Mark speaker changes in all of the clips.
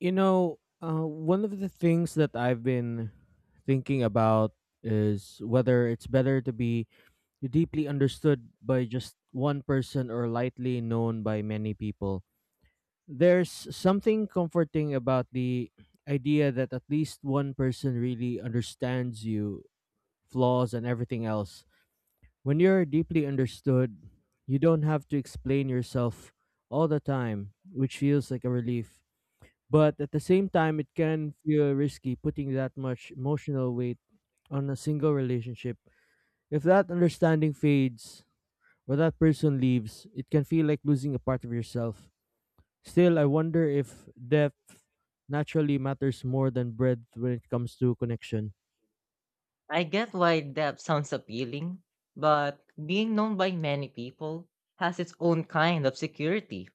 Speaker 1: You know, One of the things that I've been thinking about is whether it's better to be deeply understood by just one person or lightly known by many people. There's something comforting about the idea that at least one person really understands you, flaws, and everything else. When you're deeply understood, you don't have to explain yourself all the time, which feels like a relief. But at the same time, it can feel risky putting that much emotional weight on a single relationship. If that understanding fades or that person leaves, it can feel like losing a part of yourself. Still, I wonder if depth naturally matters more than breadth when it comes to connection.
Speaker 2: I get why depth sounds appealing, but being known by many people has its own kind of security.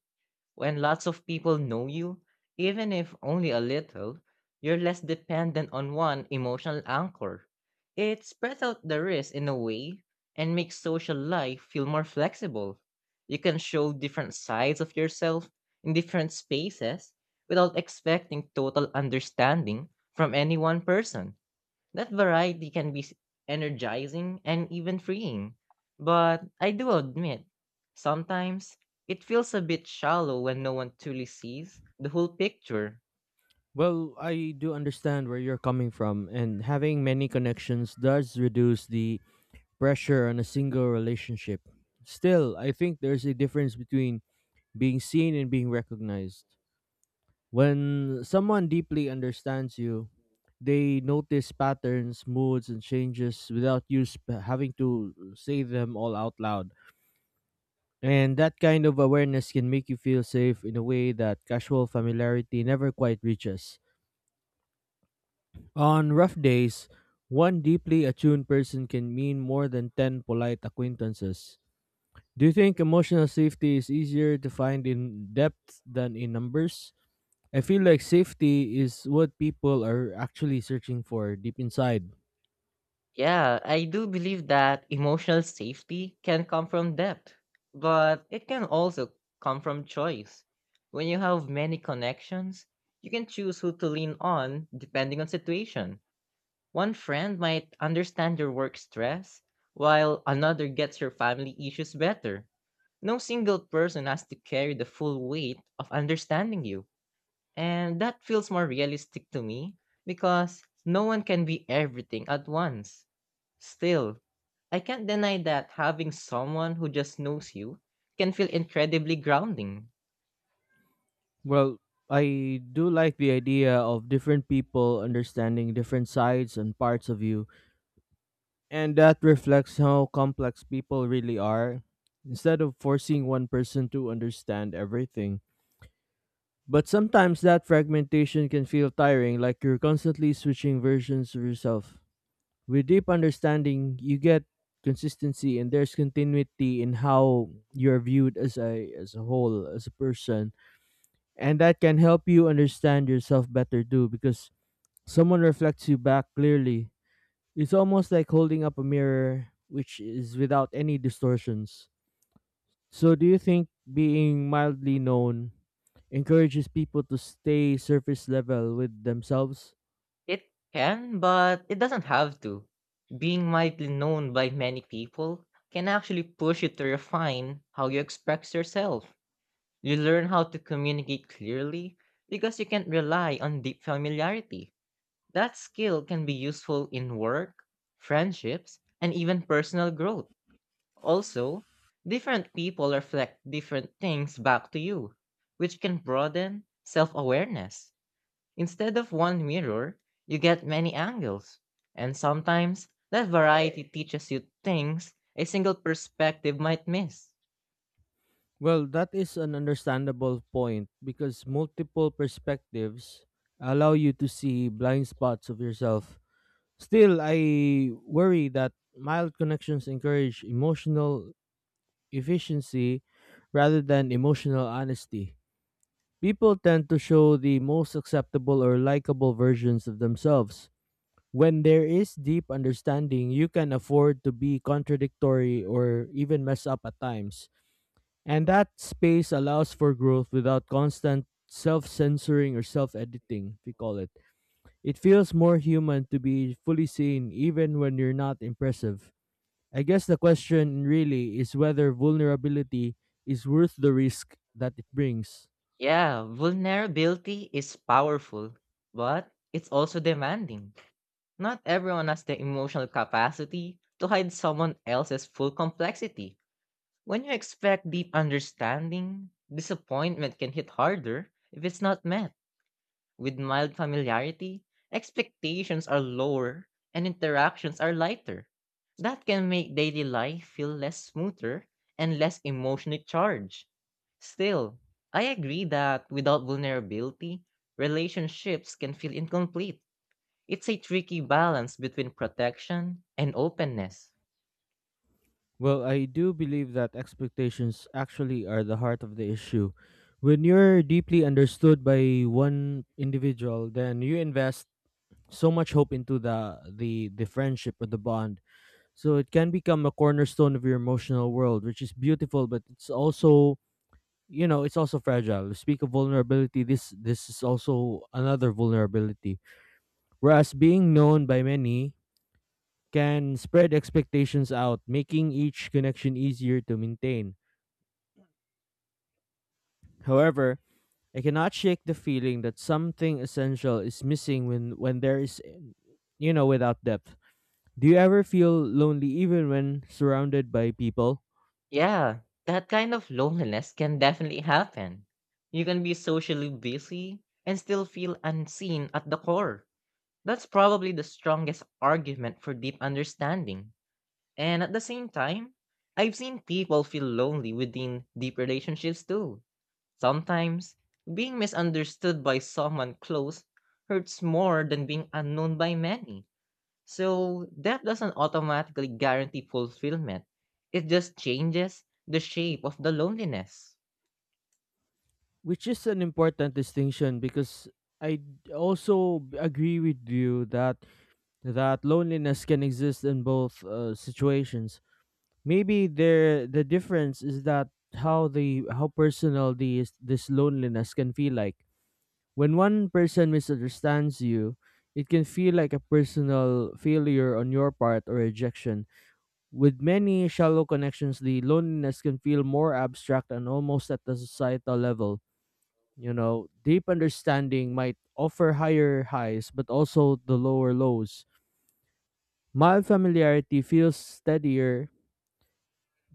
Speaker 2: When lots of people know you, even if only a little, you're less dependent on one emotional anchor. It spreads out the risk in a way and makes social life feel more flexible. You can show different sides of yourself in different spaces without expecting total understanding from any one person. That variety can be energizing and even freeing. But I do admit, sometimes it feels a bit shallow when no one truly sees the whole picture.
Speaker 1: Well, I do understand where you're coming from, and having many connections does reduce the pressure on a single relationship. Still, I think there's a difference between being seen and being recognized. When someone deeply understands you, they notice patterns, moods, and changes without having to say them all out loud. And that kind of awareness can make you feel safe in a way that casual familiarity never quite reaches. On rough days, one deeply attuned person can mean more than 10 polite acquaintances. Do you think emotional safety is easier to find in depth than in numbers? I feel like safety is what people are actually searching for deep inside.
Speaker 2: Yeah, I do believe that emotional safety can come from depth, but it can also come from choice. When you have many connections, you can choose who to lean on depending on situation. One friend might understand your work stress, while another gets your family issues better. No single person has to carry the full weight of understanding you. And that feels more realistic to me because no one can be everything at once. Still, I can't deny that having someone who just knows you can feel incredibly grounding.
Speaker 1: Well, I do like the idea of different people understanding different sides and parts of you, and that reflects how complex people really are, instead of forcing one person to understand everything. But sometimes that fragmentation can feel tiring, like you're constantly switching versions of yourself. With deep understanding you get consistency, and there's continuity in how you're viewed as a whole, as a person, and that can help you understand yourself better too, because someone reflects you back clearly. It's almost like holding up a mirror which is without any distortions. So do you think being mildly known encourages people to stay surface level with themselves?
Speaker 2: It can, but it doesn't have to. Being widely known by many people can actually push you to refine how you express yourself. You learn how to communicate clearly because you can't rely on deep familiarity. That skill can be useful in work, friendships, and even personal growth. Also, different people reflect different things back to you, which can broaden self awareness. Instead of one mirror, you get many angles. And sometimes that variety teaches you things a single perspective might miss.
Speaker 1: Well, that is an understandable point because multiple perspectives allow you to see blind spots of yourself. Still, I worry that mild connections encourage emotional efficiency rather than emotional honesty. People tend to show the most acceptable or likable versions of themselves. When there is deep understanding, you can afford to be contradictory or even mess up at times, and that space allows for growth without constant self censoring or self editing, we call it. It feels more human to be fully seen even when you're not impressive. I guess the question really is whether vulnerability is worth the risk that it brings.
Speaker 2: Yeah, vulnerability is powerful, but it's also demanding. Not everyone has the emotional capacity to hide someone else's full complexity. When you expect deep understanding, disappointment can hit harder if it's not met. With mild familiarity, expectations are lower and interactions are lighter. That can make daily life feel less smoother and less emotionally charged. Still, I agree that without vulnerability, relationships can feel incomplete. It's a tricky balance between protection and openness.
Speaker 1: Well, I do believe that expectations actually are the heart of the issue. When you're deeply understood by one individual, then you invest so much hope into the friendship or the bond. So it can become a cornerstone of your emotional world, which is beautiful, but it's also fragile. Speak of vulnerability, this is also another vulnerability. Whereas being known by many can spread expectations out, making each connection easier to maintain. However, I cannot shake the feeling that something essential is missing when there is, without depth. Do you ever feel lonely even when surrounded by people?
Speaker 2: Yeah, that kind of loneliness can definitely happen. You can be socially busy and still feel unseen at the core. That's probably the strongest argument for deep understanding. And at the same time, I've seen people feel lonely within deep relationships too. Sometimes, being misunderstood by someone close hurts more than being unknown by many. So, that doesn't automatically guarantee fulfillment, it just changes the shape of the loneliness.
Speaker 1: Which is an important distinction because I agree with you that that loneliness can exist in both situations. Maybe there the difference is that how personal these this loneliness can feel like. When one person misunderstands you, it can feel like a personal failure on your part or rejection. With many shallow connections, the loneliness can feel more abstract and almost at the societal level. Deep understanding might offer higher highs, but also the lower lows. Mild familiarity feels steadier,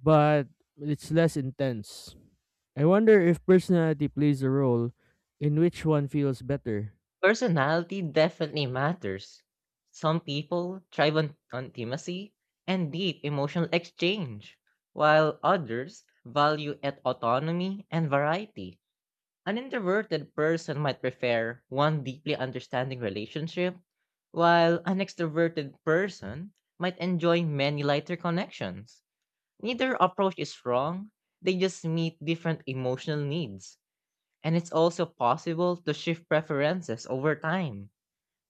Speaker 1: but it's less intense. I wonder if personality plays a role in which one feels better.
Speaker 2: Personality definitely matters. Some people thrive on intimacy and deep emotional exchange, while others value at autonomy and variety. An introverted person might prefer one deeply understanding relationship, while an extroverted person might enjoy many lighter connections. Neither approach is wrong, they just meet different emotional needs, and it's also possible to shift preferences over time.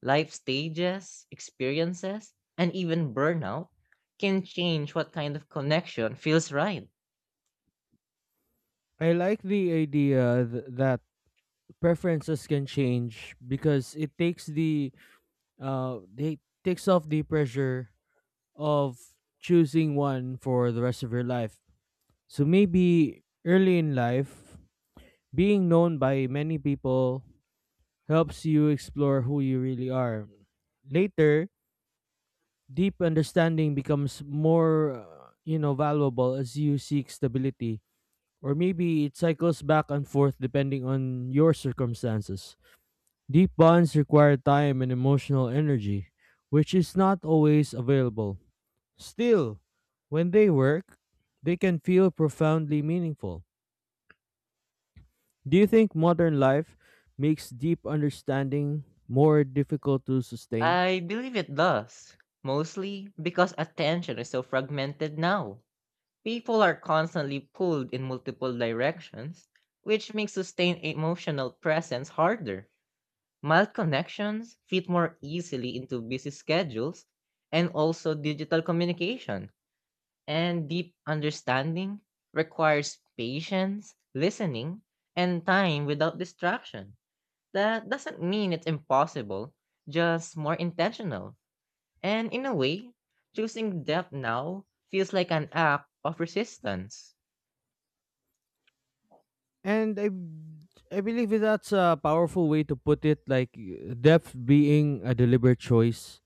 Speaker 2: Life stages, experiences, and even burnout can change what kind of connection feels right.
Speaker 1: I like the idea that preferences can change because it takes the they takes off the pressure of choosing one for the rest of your life. So maybe early in life, being known by many people helps you explore who you really are. Later, deep understanding becomes more, valuable as you seek stability. Or maybe it cycles back and forth depending on your circumstances. Deep bonds require time and emotional energy, which is not always available. Still, when they work, they can feel profoundly meaningful. Do you think modern life makes deep understanding more difficult to sustain?
Speaker 2: I believe it does, mostly because attention is so fragmented now. People are constantly pulled in multiple directions, which makes sustained emotional presence harder. Mild connections fit more easily into busy schedules and also digital communication. And deep understanding requires patience, listening, and time without distraction. That doesn't mean it's impossible, just more intentional. And in a way, choosing depth now feels like an act of resistance.
Speaker 1: And I, I believe that's a powerful way to put it, like depth being a deliberate choice.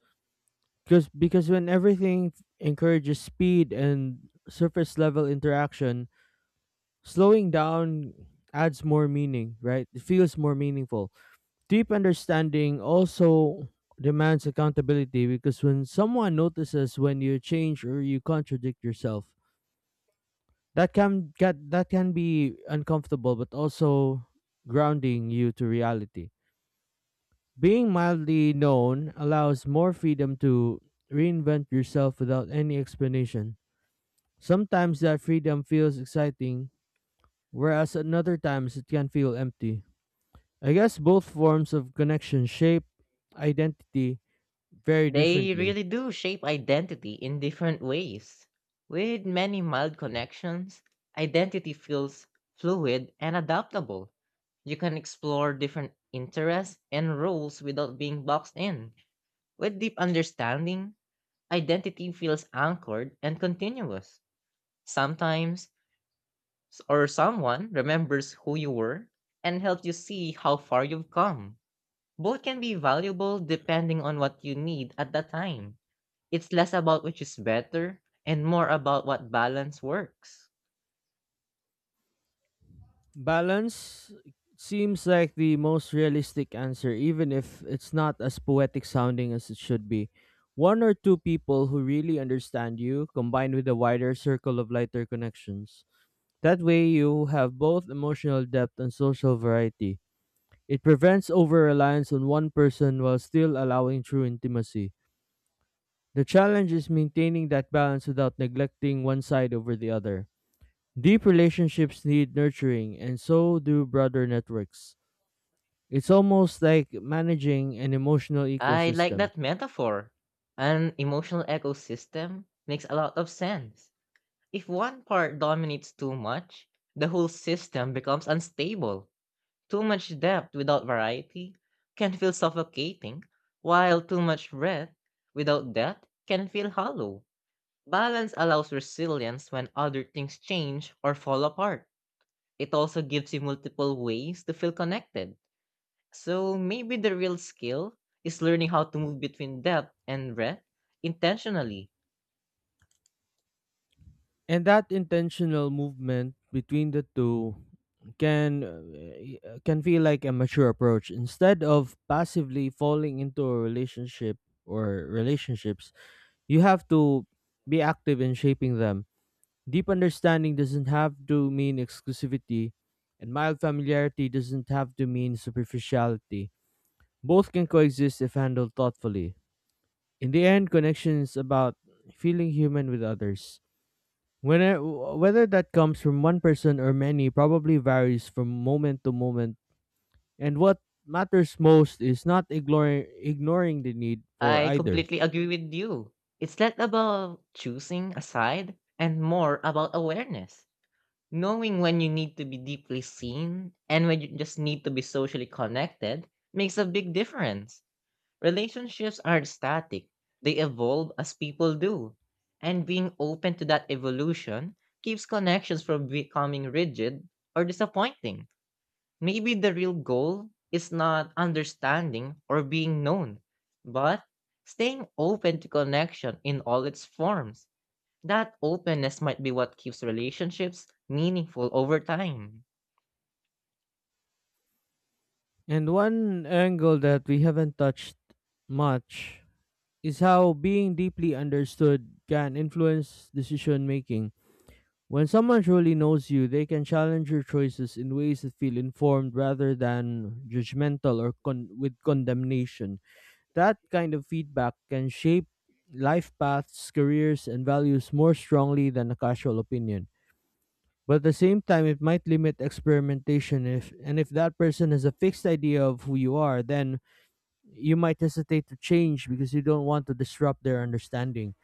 Speaker 1: Because when everything encourages speed and surface level interaction, slowing down adds more meaning, right? It feels more meaningful. Deep understanding also demands accountability because when someone notices when you change or you contradict yourself, that can be uncomfortable but also grounding you to reality. Being mildly known allows more freedom to reinvent yourself without any explanation. Sometimes that freedom feels exciting, whereas at other times it can feel empty. I guess both forms of connection shape identity very
Speaker 2: They
Speaker 1: differently.
Speaker 2: really do shape identity in different ways. With many mild connections, identity feels fluid and adaptable. You can explore different interests and roles without being boxed in. With deep understanding, identity feels anchored and continuous. Sometimes, s- or someone remembers who you were and helps you see how far you've come. Both can be valuable depending on what you need at the time. It's less about which is better and more about what balance works.
Speaker 1: Balance seems like the most realistic answer, even if it's not as poetic sounding as it should be. One or two people who really understand you, combined with a wider circle of lighter connections. That way, you have both emotional depth and social variety. It prevents over reliance on one person while still allowing true intimacy. The challenge is maintaining that balance without neglecting one side over the other. Deep relationships need nurturing, and so do broader networks. It's almost like managing an emotional
Speaker 2: I like
Speaker 1: ecosystem.
Speaker 2: that metaphor. An emotional ecosystem makes a lot of sense. If one part dominates too much, the whole system becomes unstable. Too much depth without variety can feel suffocating, while too much breadth without depth can feel hollow. Balance allows resilience when other things change or fall apart. It also gives you multiple ways to feel connected. So maybe the real skill is learning how to move between depth and breadth intentionally.
Speaker 1: And that intentional movement between the two can feel like a mature approach instead of passively falling into a relationship or relationships. You have to be active in shaping them. Deep understanding doesn't have to mean exclusivity, and mild familiarity doesn't have to mean superficiality. Both can coexist if handled thoughtfully. In the end, connection is about feeling human with others. Whether that comes from one person or many probably varies from moment to moment, and what matters most is not ignoring the need for
Speaker 2: I
Speaker 1: either.
Speaker 2: completely agree with you. It's not about choosing a side and more about awareness. Knowing when you need to be deeply seen and when you just need to be socially connected makes a big difference. Relationships aren't static, they evolve as people do. And being open to that evolution keeps connections from becoming rigid or disappointing. Maybe the real goal is not understanding or being known, but staying open to connection in all its forms. That openness might be what keeps relationships meaningful over time.
Speaker 1: And one angle that we haven't touched much is how being deeply understood can influence decision making. When someone truly knows you, they can challenge your choices in ways that feel informed rather than judgmental or with condemnation. That kind of feedback can shape life paths, careers, and values more strongly than a casual opinion. But at the same time, it might limit experimentation if that person has a fixed idea of who you are, then you might hesitate to change because you don't want to disrupt their understanding.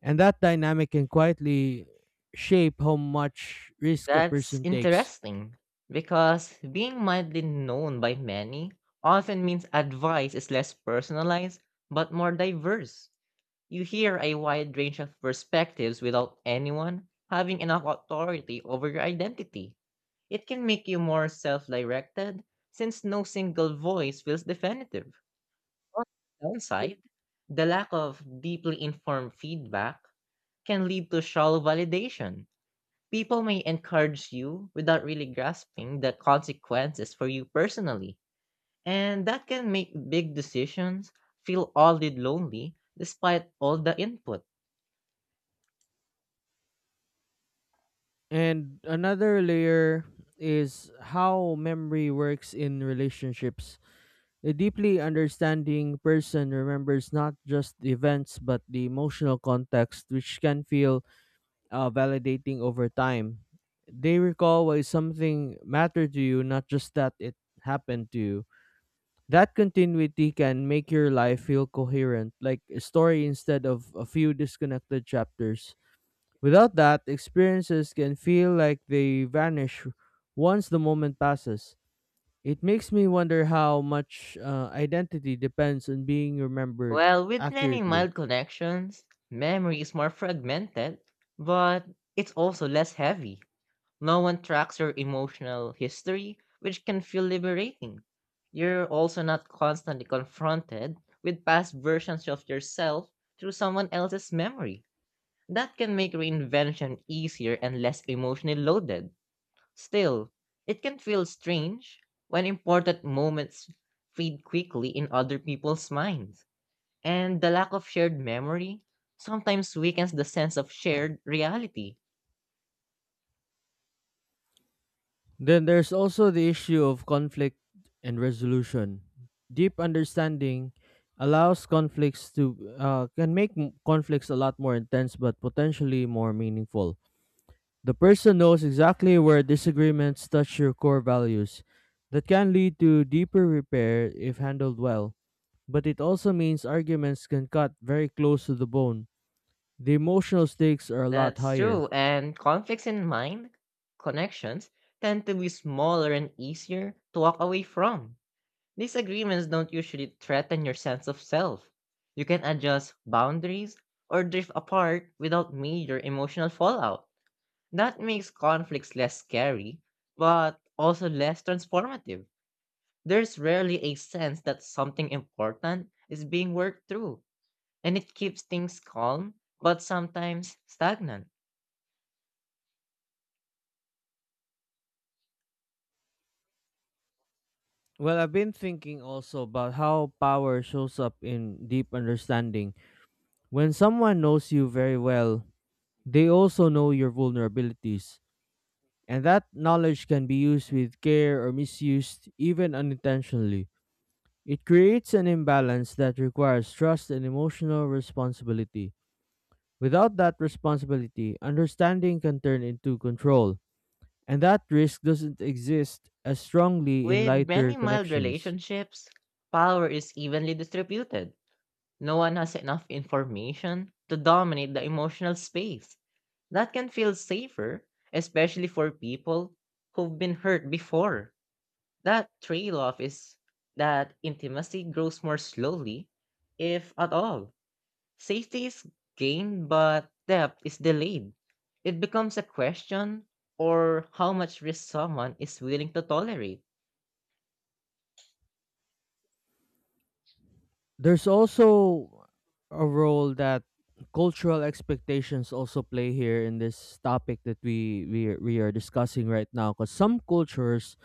Speaker 1: And that dynamic can quietly shape how much risk a
Speaker 2: That's
Speaker 1: person takes.
Speaker 2: interesting because being widely known by many often means advice is less personalized but more diverse. You hear a wide range of perspectives without anyone having enough authority over your identity. It can make you more self directed since no single voice feels definitive. On the downside, the lack of deeply informed feedback can lead to shallow validation. People may encourage you without really grasping the consequences for you personally, and that can make big decisions feel oddly lonely despite all the input.
Speaker 1: And another layer is how memory works in relationships. A deeply understanding person remembers not just the events but the emotional context, which can feel validating over time. They recall why something mattered to you, not just that it happened to you. That continuity can make your life feel coherent, like a story instead of a few disconnected chapters. Without that, experiences can feel like they vanish once the moment passes. It makes me wonder how much identity depends on being remembered
Speaker 2: Well, with many
Speaker 1: accurately.
Speaker 2: mild connections, memory is more fragmented, but it's also less heavy. No one tracks your emotional history, which can feel liberating. You're also not constantly confronted with past versions of yourself through someone else's memory. That can make reinvention easier and less emotionally loaded. Still, it can feel strange when important moments fade quickly in other people's minds, and the lack of shared memory sometimes weakens the sense of shared reality.
Speaker 1: Then there's also the issue of conflict and resolution. Deep understanding allows conflicts to can make conflicts a lot more intense but potentially more meaningful. The person knows exactly where disagreements touch your core values. That can lead to deeper repair if handled well, but it also means arguments can cut very close to the bone. The emotional stakes are a lot
Speaker 2: That's
Speaker 1: higher.
Speaker 2: true, and conflicts in mind, connections, tend to be smaller and easier to walk away from. Disagreements don't usually threaten your sense of self. You can adjust boundaries or drift apart without major emotional fallout. That makes conflicts less scary, but also less transformative. There's rarely a sense that something important is being worked through, and it keeps things calm, but sometimes stagnant.
Speaker 1: Well, I've been thinking also about how power shows up in deep understanding. When someone knows you very well, they also know your vulnerabilities, and that knowledge can be used with care or misused, even unintentionally. It creates an imbalance that requires trust and emotional responsibility. Without that responsibility, understanding can turn into control, and that risk doesn't exist as strongly in
Speaker 2: With
Speaker 1: lighter
Speaker 2: many mild
Speaker 1: connections.
Speaker 2: relationships, power is evenly distributed. No one has enough information to dominate the emotional space. That can feel safer, especially for people who've been hurt before. That trade off is that intimacy grows more slowly, if at all. Safety is gained, but depth is delayed. It becomes a question or how much risk someone is willing to tolerate.
Speaker 1: There's also a role that cultural expectations also play here in this topic that we are discussing right now, because some cultures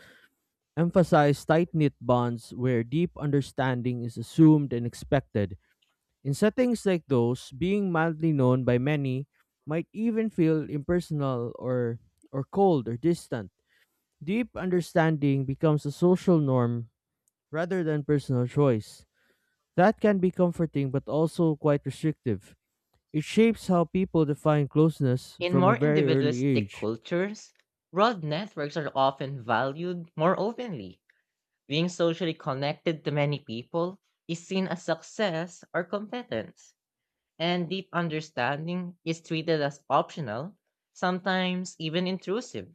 Speaker 1: emphasize tight-knit bonds where deep understanding is assumed and expected. In settings like those, being mildly known by many might even feel impersonal, or cold or distant. Deep understanding becomes a social norm rather than personal choice. That can be comforting but also quite restrictive. It shapes how people define closeness
Speaker 2: In
Speaker 1: from a
Speaker 2: more
Speaker 1: very early
Speaker 2: individualistic
Speaker 1: age.
Speaker 2: cultures, broad networks are often valued more openly. Being socially connected to many people is seen as success or competence, and deep understanding is treated as optional, sometimes even intrusive.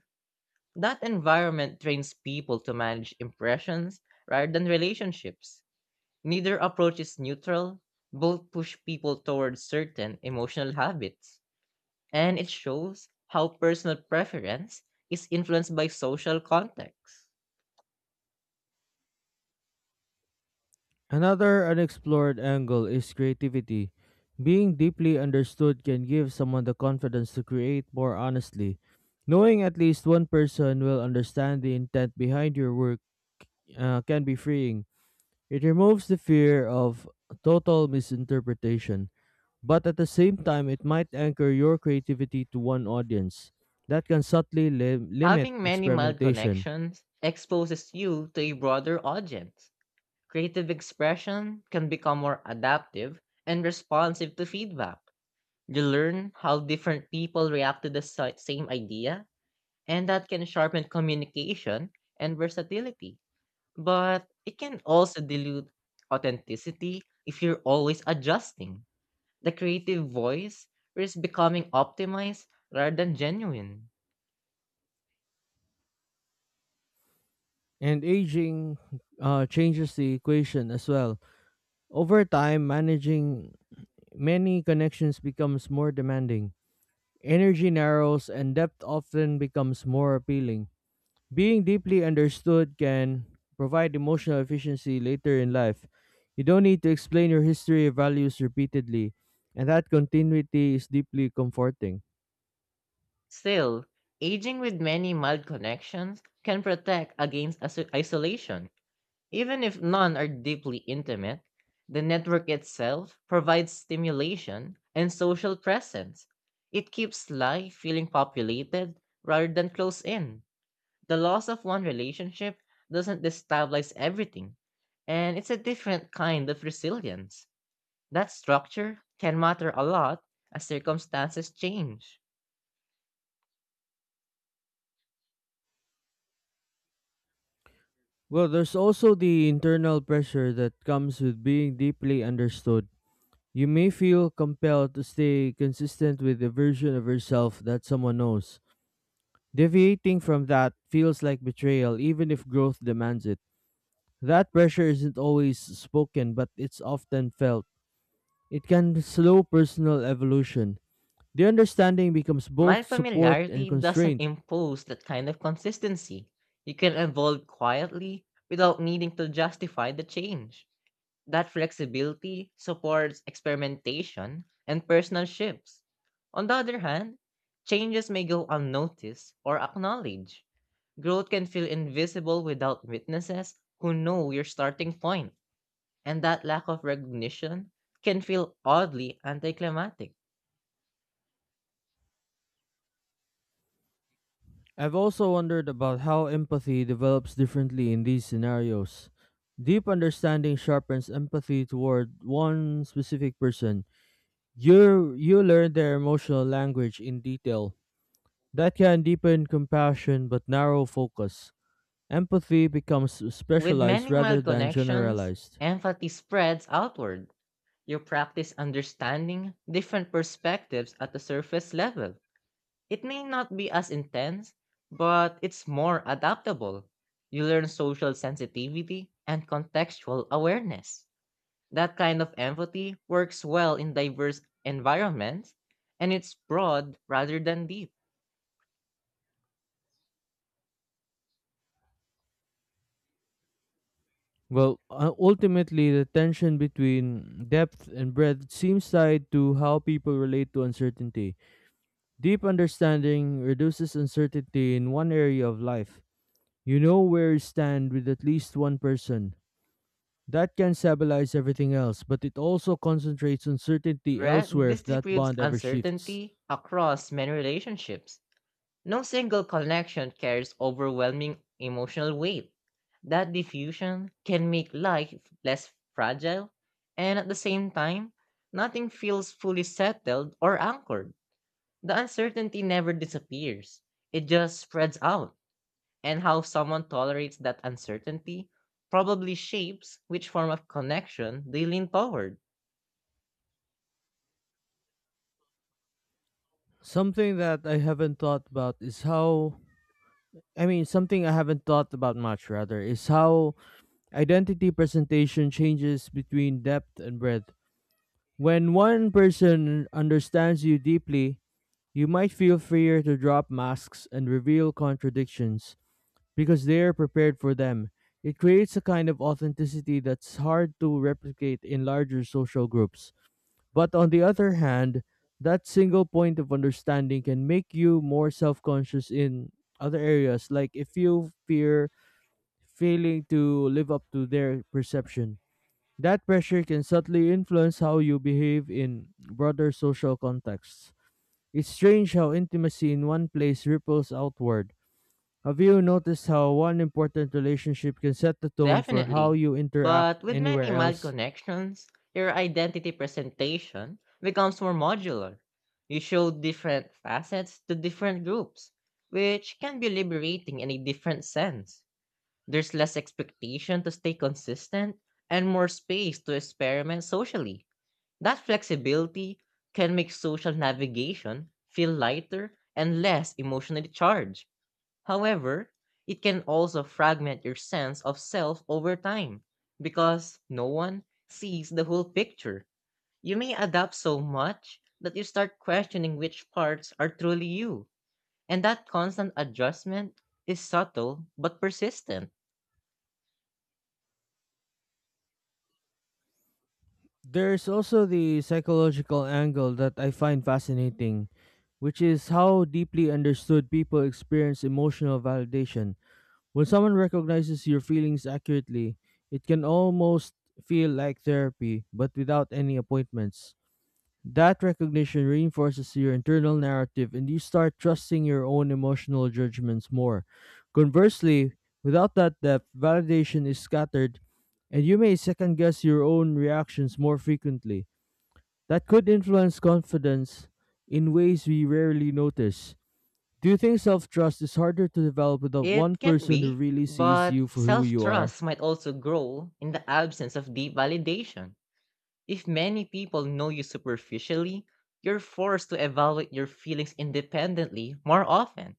Speaker 2: That environment trains people to manage impressions rather than relationships. Neither approach is neutral, both push people towards certain emotional habits and it shows how personal preference is influenced by social context.
Speaker 1: Another unexplored angle is creativity. Being deeply understood can give someone the confidence to create more honestly. Knowing at least one person will understand the intent behind your work can be freeing. It removes the fear of total misinterpretation, but at the same time, it might anchor your creativity to one audience. That can subtly limit
Speaker 2: Having many mild
Speaker 1: experimentation.
Speaker 2: connections exposes you to a broader audience. Creative expression can become more adaptive and responsive to feedback. You learn how different people react to the same idea, and that can sharpen communication and versatility. But it can also dilute authenticity if you're always adjusting. The creative voice is becoming optimized rather than genuine.
Speaker 1: And aging changes the equation as well. Over time, managing many connections becomes more demanding. Energy narrows and depth often becomes more appealing. Being deeply understood can provide emotional efficiency later in life. You don't need to explain your history or values repeatedly, and that continuity is deeply comforting.
Speaker 2: Still, aging with many mild connections can protect against isolation. Even if none are deeply intimate, the network itself provides stimulation and social presence. It keeps life feeling populated rather than close in. The loss of one relationship doesn't destabilize everything, and it's a different kind of resilience. That structure can matter a lot as circumstances change.
Speaker 1: Well, there's also the internal pressure that comes with being deeply understood. You may feel compelled to stay consistent with the version of yourself that someone knows. Deviating from that feels like betrayal, even if growth demands it. That pressure isn't always spoken, but it's often felt. It can slow personal evolution. The understanding becomes
Speaker 2: My
Speaker 1: both support and
Speaker 2: familiarity doesn't
Speaker 1: constraint.
Speaker 2: impose that kind of consistency. You can evolve quietly without needing to justify the change. That flexibility supports experimentation and personal shifts. On the other hand, changes may go unnoticed or acknowledged. Growth can feel invisible without witnesses who know your starting point, and that lack of recognition can feel oddly anticlimactic.
Speaker 1: I've also wondered about how empathy develops differently in these scenarios. Deep understanding sharpens empathy toward one specific person. You learn their emotional language in detail. That can deepen compassion but narrow focus. Empathy becomes
Speaker 2: With
Speaker 1: specialized
Speaker 2: many
Speaker 1: rather
Speaker 2: mild
Speaker 1: than
Speaker 2: connections,
Speaker 1: generalized.
Speaker 2: empathy spreads outward. You practice understanding different perspectives at the surface level. It may not be as intense, but it's more adaptable. You learn social sensitivity and contextual awareness. That kind of empathy works well in diverse environments, and it's broad rather than deep.
Speaker 1: Ultimately, the tension between depth and breadth seems tied to how people relate to uncertainty. Deep understanding reduces uncertainty in one area of life. You know where you stand with at least one person. That can stabilize everything else, but it also concentrates uncertainty elsewhere
Speaker 2: This
Speaker 1: if that
Speaker 2: disputes
Speaker 1: bond ever shifts.
Speaker 2: uncertainty across many relationships. No single connection carries overwhelming emotional weight. That diffusion can make life less fragile, and at the same time, nothing feels fully settled or anchored. The uncertainty never disappears, it just spreads out, and how someone tolerates that uncertainty probably shapes which form of connection they lean toward.
Speaker 1: Something that I haven't thought about is how I mean, Something I haven't thought about much, rather, is how identity presentation changes between depth and breadth. When one person understands you deeply, you might feel freer to drop masks and reveal contradictions because they are prepared for them. It creates a kind of authenticity that's hard to replicate in larger social groups. But on the other hand, that single point of understanding can make you more self conscious in other areas, like if you fear failing to live up to their perception. That pressure can subtly influence how you behave in broader social contexts. It's strange how intimacy in one place ripples outward. Have you noticed how one important relationship can set the tone for how
Speaker 2: Definitely.
Speaker 1: you interact
Speaker 2: But with many
Speaker 1: anywhere
Speaker 2: mild
Speaker 1: else?
Speaker 2: connections, your identity presentation becomes more modular. You show different facets to different groups, which can be liberating in a different sense. There's less expectation to stay consistent and more space to experiment socially. That flexibility can make social navigation feel lighter and less emotionally charged. However, it can also fragment your sense of self over time because no one sees the whole picture. You may adapt so much that you start questioning which parts are truly you. And that constant adjustment is subtle but persistent.
Speaker 1: There's also the psychological angle that I find fascinating, which is how deeply understood people experience emotional validation. When someone recognizes your feelings accurately, it can almost feel like therapy, but without any appointments. That recognition reinforces your internal narrative and you start trusting your own emotional judgments more. Conversely, without that depth, validation is scattered and you may second guess your own reactions more frequently. That could influence confidence in ways we rarely notice. Do you think self trust is harder to develop without one
Speaker 2: It can
Speaker 1: person who
Speaker 2: be,
Speaker 1: really sees
Speaker 2: but
Speaker 1: you for who
Speaker 2: self
Speaker 1: you are?
Speaker 2: trust might also grow in the absence of deep validation. If many people know you superficially, you're forced to evaluate your feelings independently more often.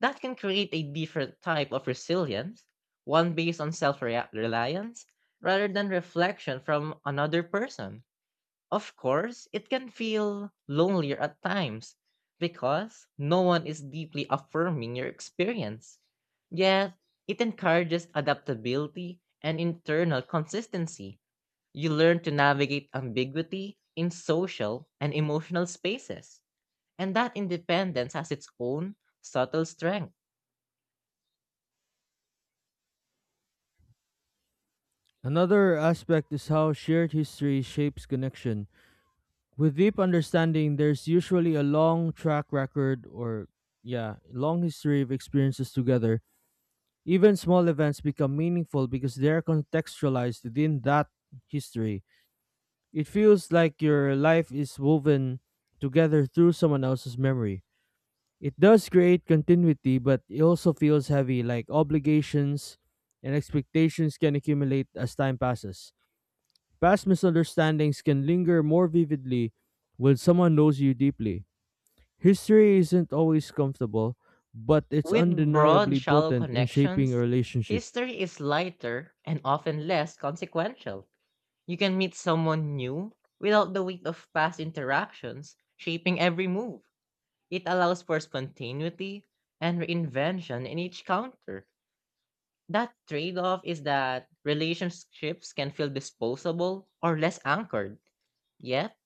Speaker 2: That can create a different type of resilience, one based on self reliance rather than reflection from another person. Of course, it can feel lonelier at times because no one is deeply affirming your experience. Yet, it encourages adaptability and internal consistency. You learn to navigate ambiguity in social and emotional spaces, and that independence has its own subtle strength.
Speaker 1: Another aspect is how shared history shapes connection. With deep understanding, there's usually a long track record or, yeah, long history of experiences together. Even small events become meaningful because they're contextualized within that history. It feels like your life is woven together through someone else's memory. It does create continuity, but it also feels heavy, like obligations and expectations can accumulate as time passes. Past misunderstandings can linger more vividly when someone knows you deeply. History isn't always comfortable, but it's
Speaker 2: With broad,
Speaker 1: undeniably
Speaker 2: shallow
Speaker 1: potent in shaping a
Speaker 2: connections,
Speaker 1: relationship.
Speaker 2: history is lighter and often less consequential. You can meet someone new without the weight of past interactions shaping every move. It allows for spontaneity and reinvention in each counter. That trade off is that relationships can feel disposable or less anchored. Yet,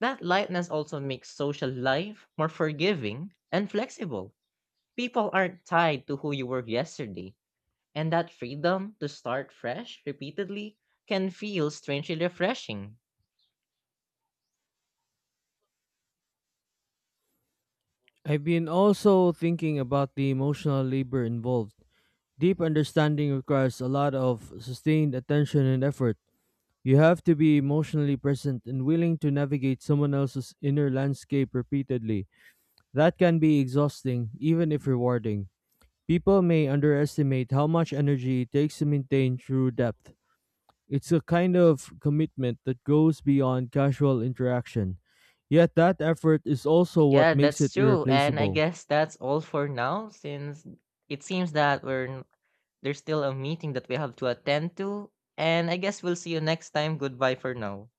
Speaker 2: that lightness also makes social life more forgiving and flexible. People aren't tied to who you were yesterday and that freedom to start fresh repeatedly can feel strangely refreshing.
Speaker 1: I've been also thinking about the emotional labor involved. Deep understanding requires a lot of sustained attention and effort. You have to be emotionally present and willing to navigate someone else's inner landscape repeatedly. That can be exhausting, even if rewarding. People may underestimate how much energy it takes to maintain true depth. It's a kind of commitment that goes beyond casual interaction. Yet that effort is also what
Speaker 2: Yeah,
Speaker 1: makes
Speaker 2: that's
Speaker 1: it
Speaker 2: true. And I
Speaker 1: irreplaceable.
Speaker 2: guess that's all for now since it seems that there's still a meeting that we have to attend to. And I guess we'll see you next time. Goodbye for now.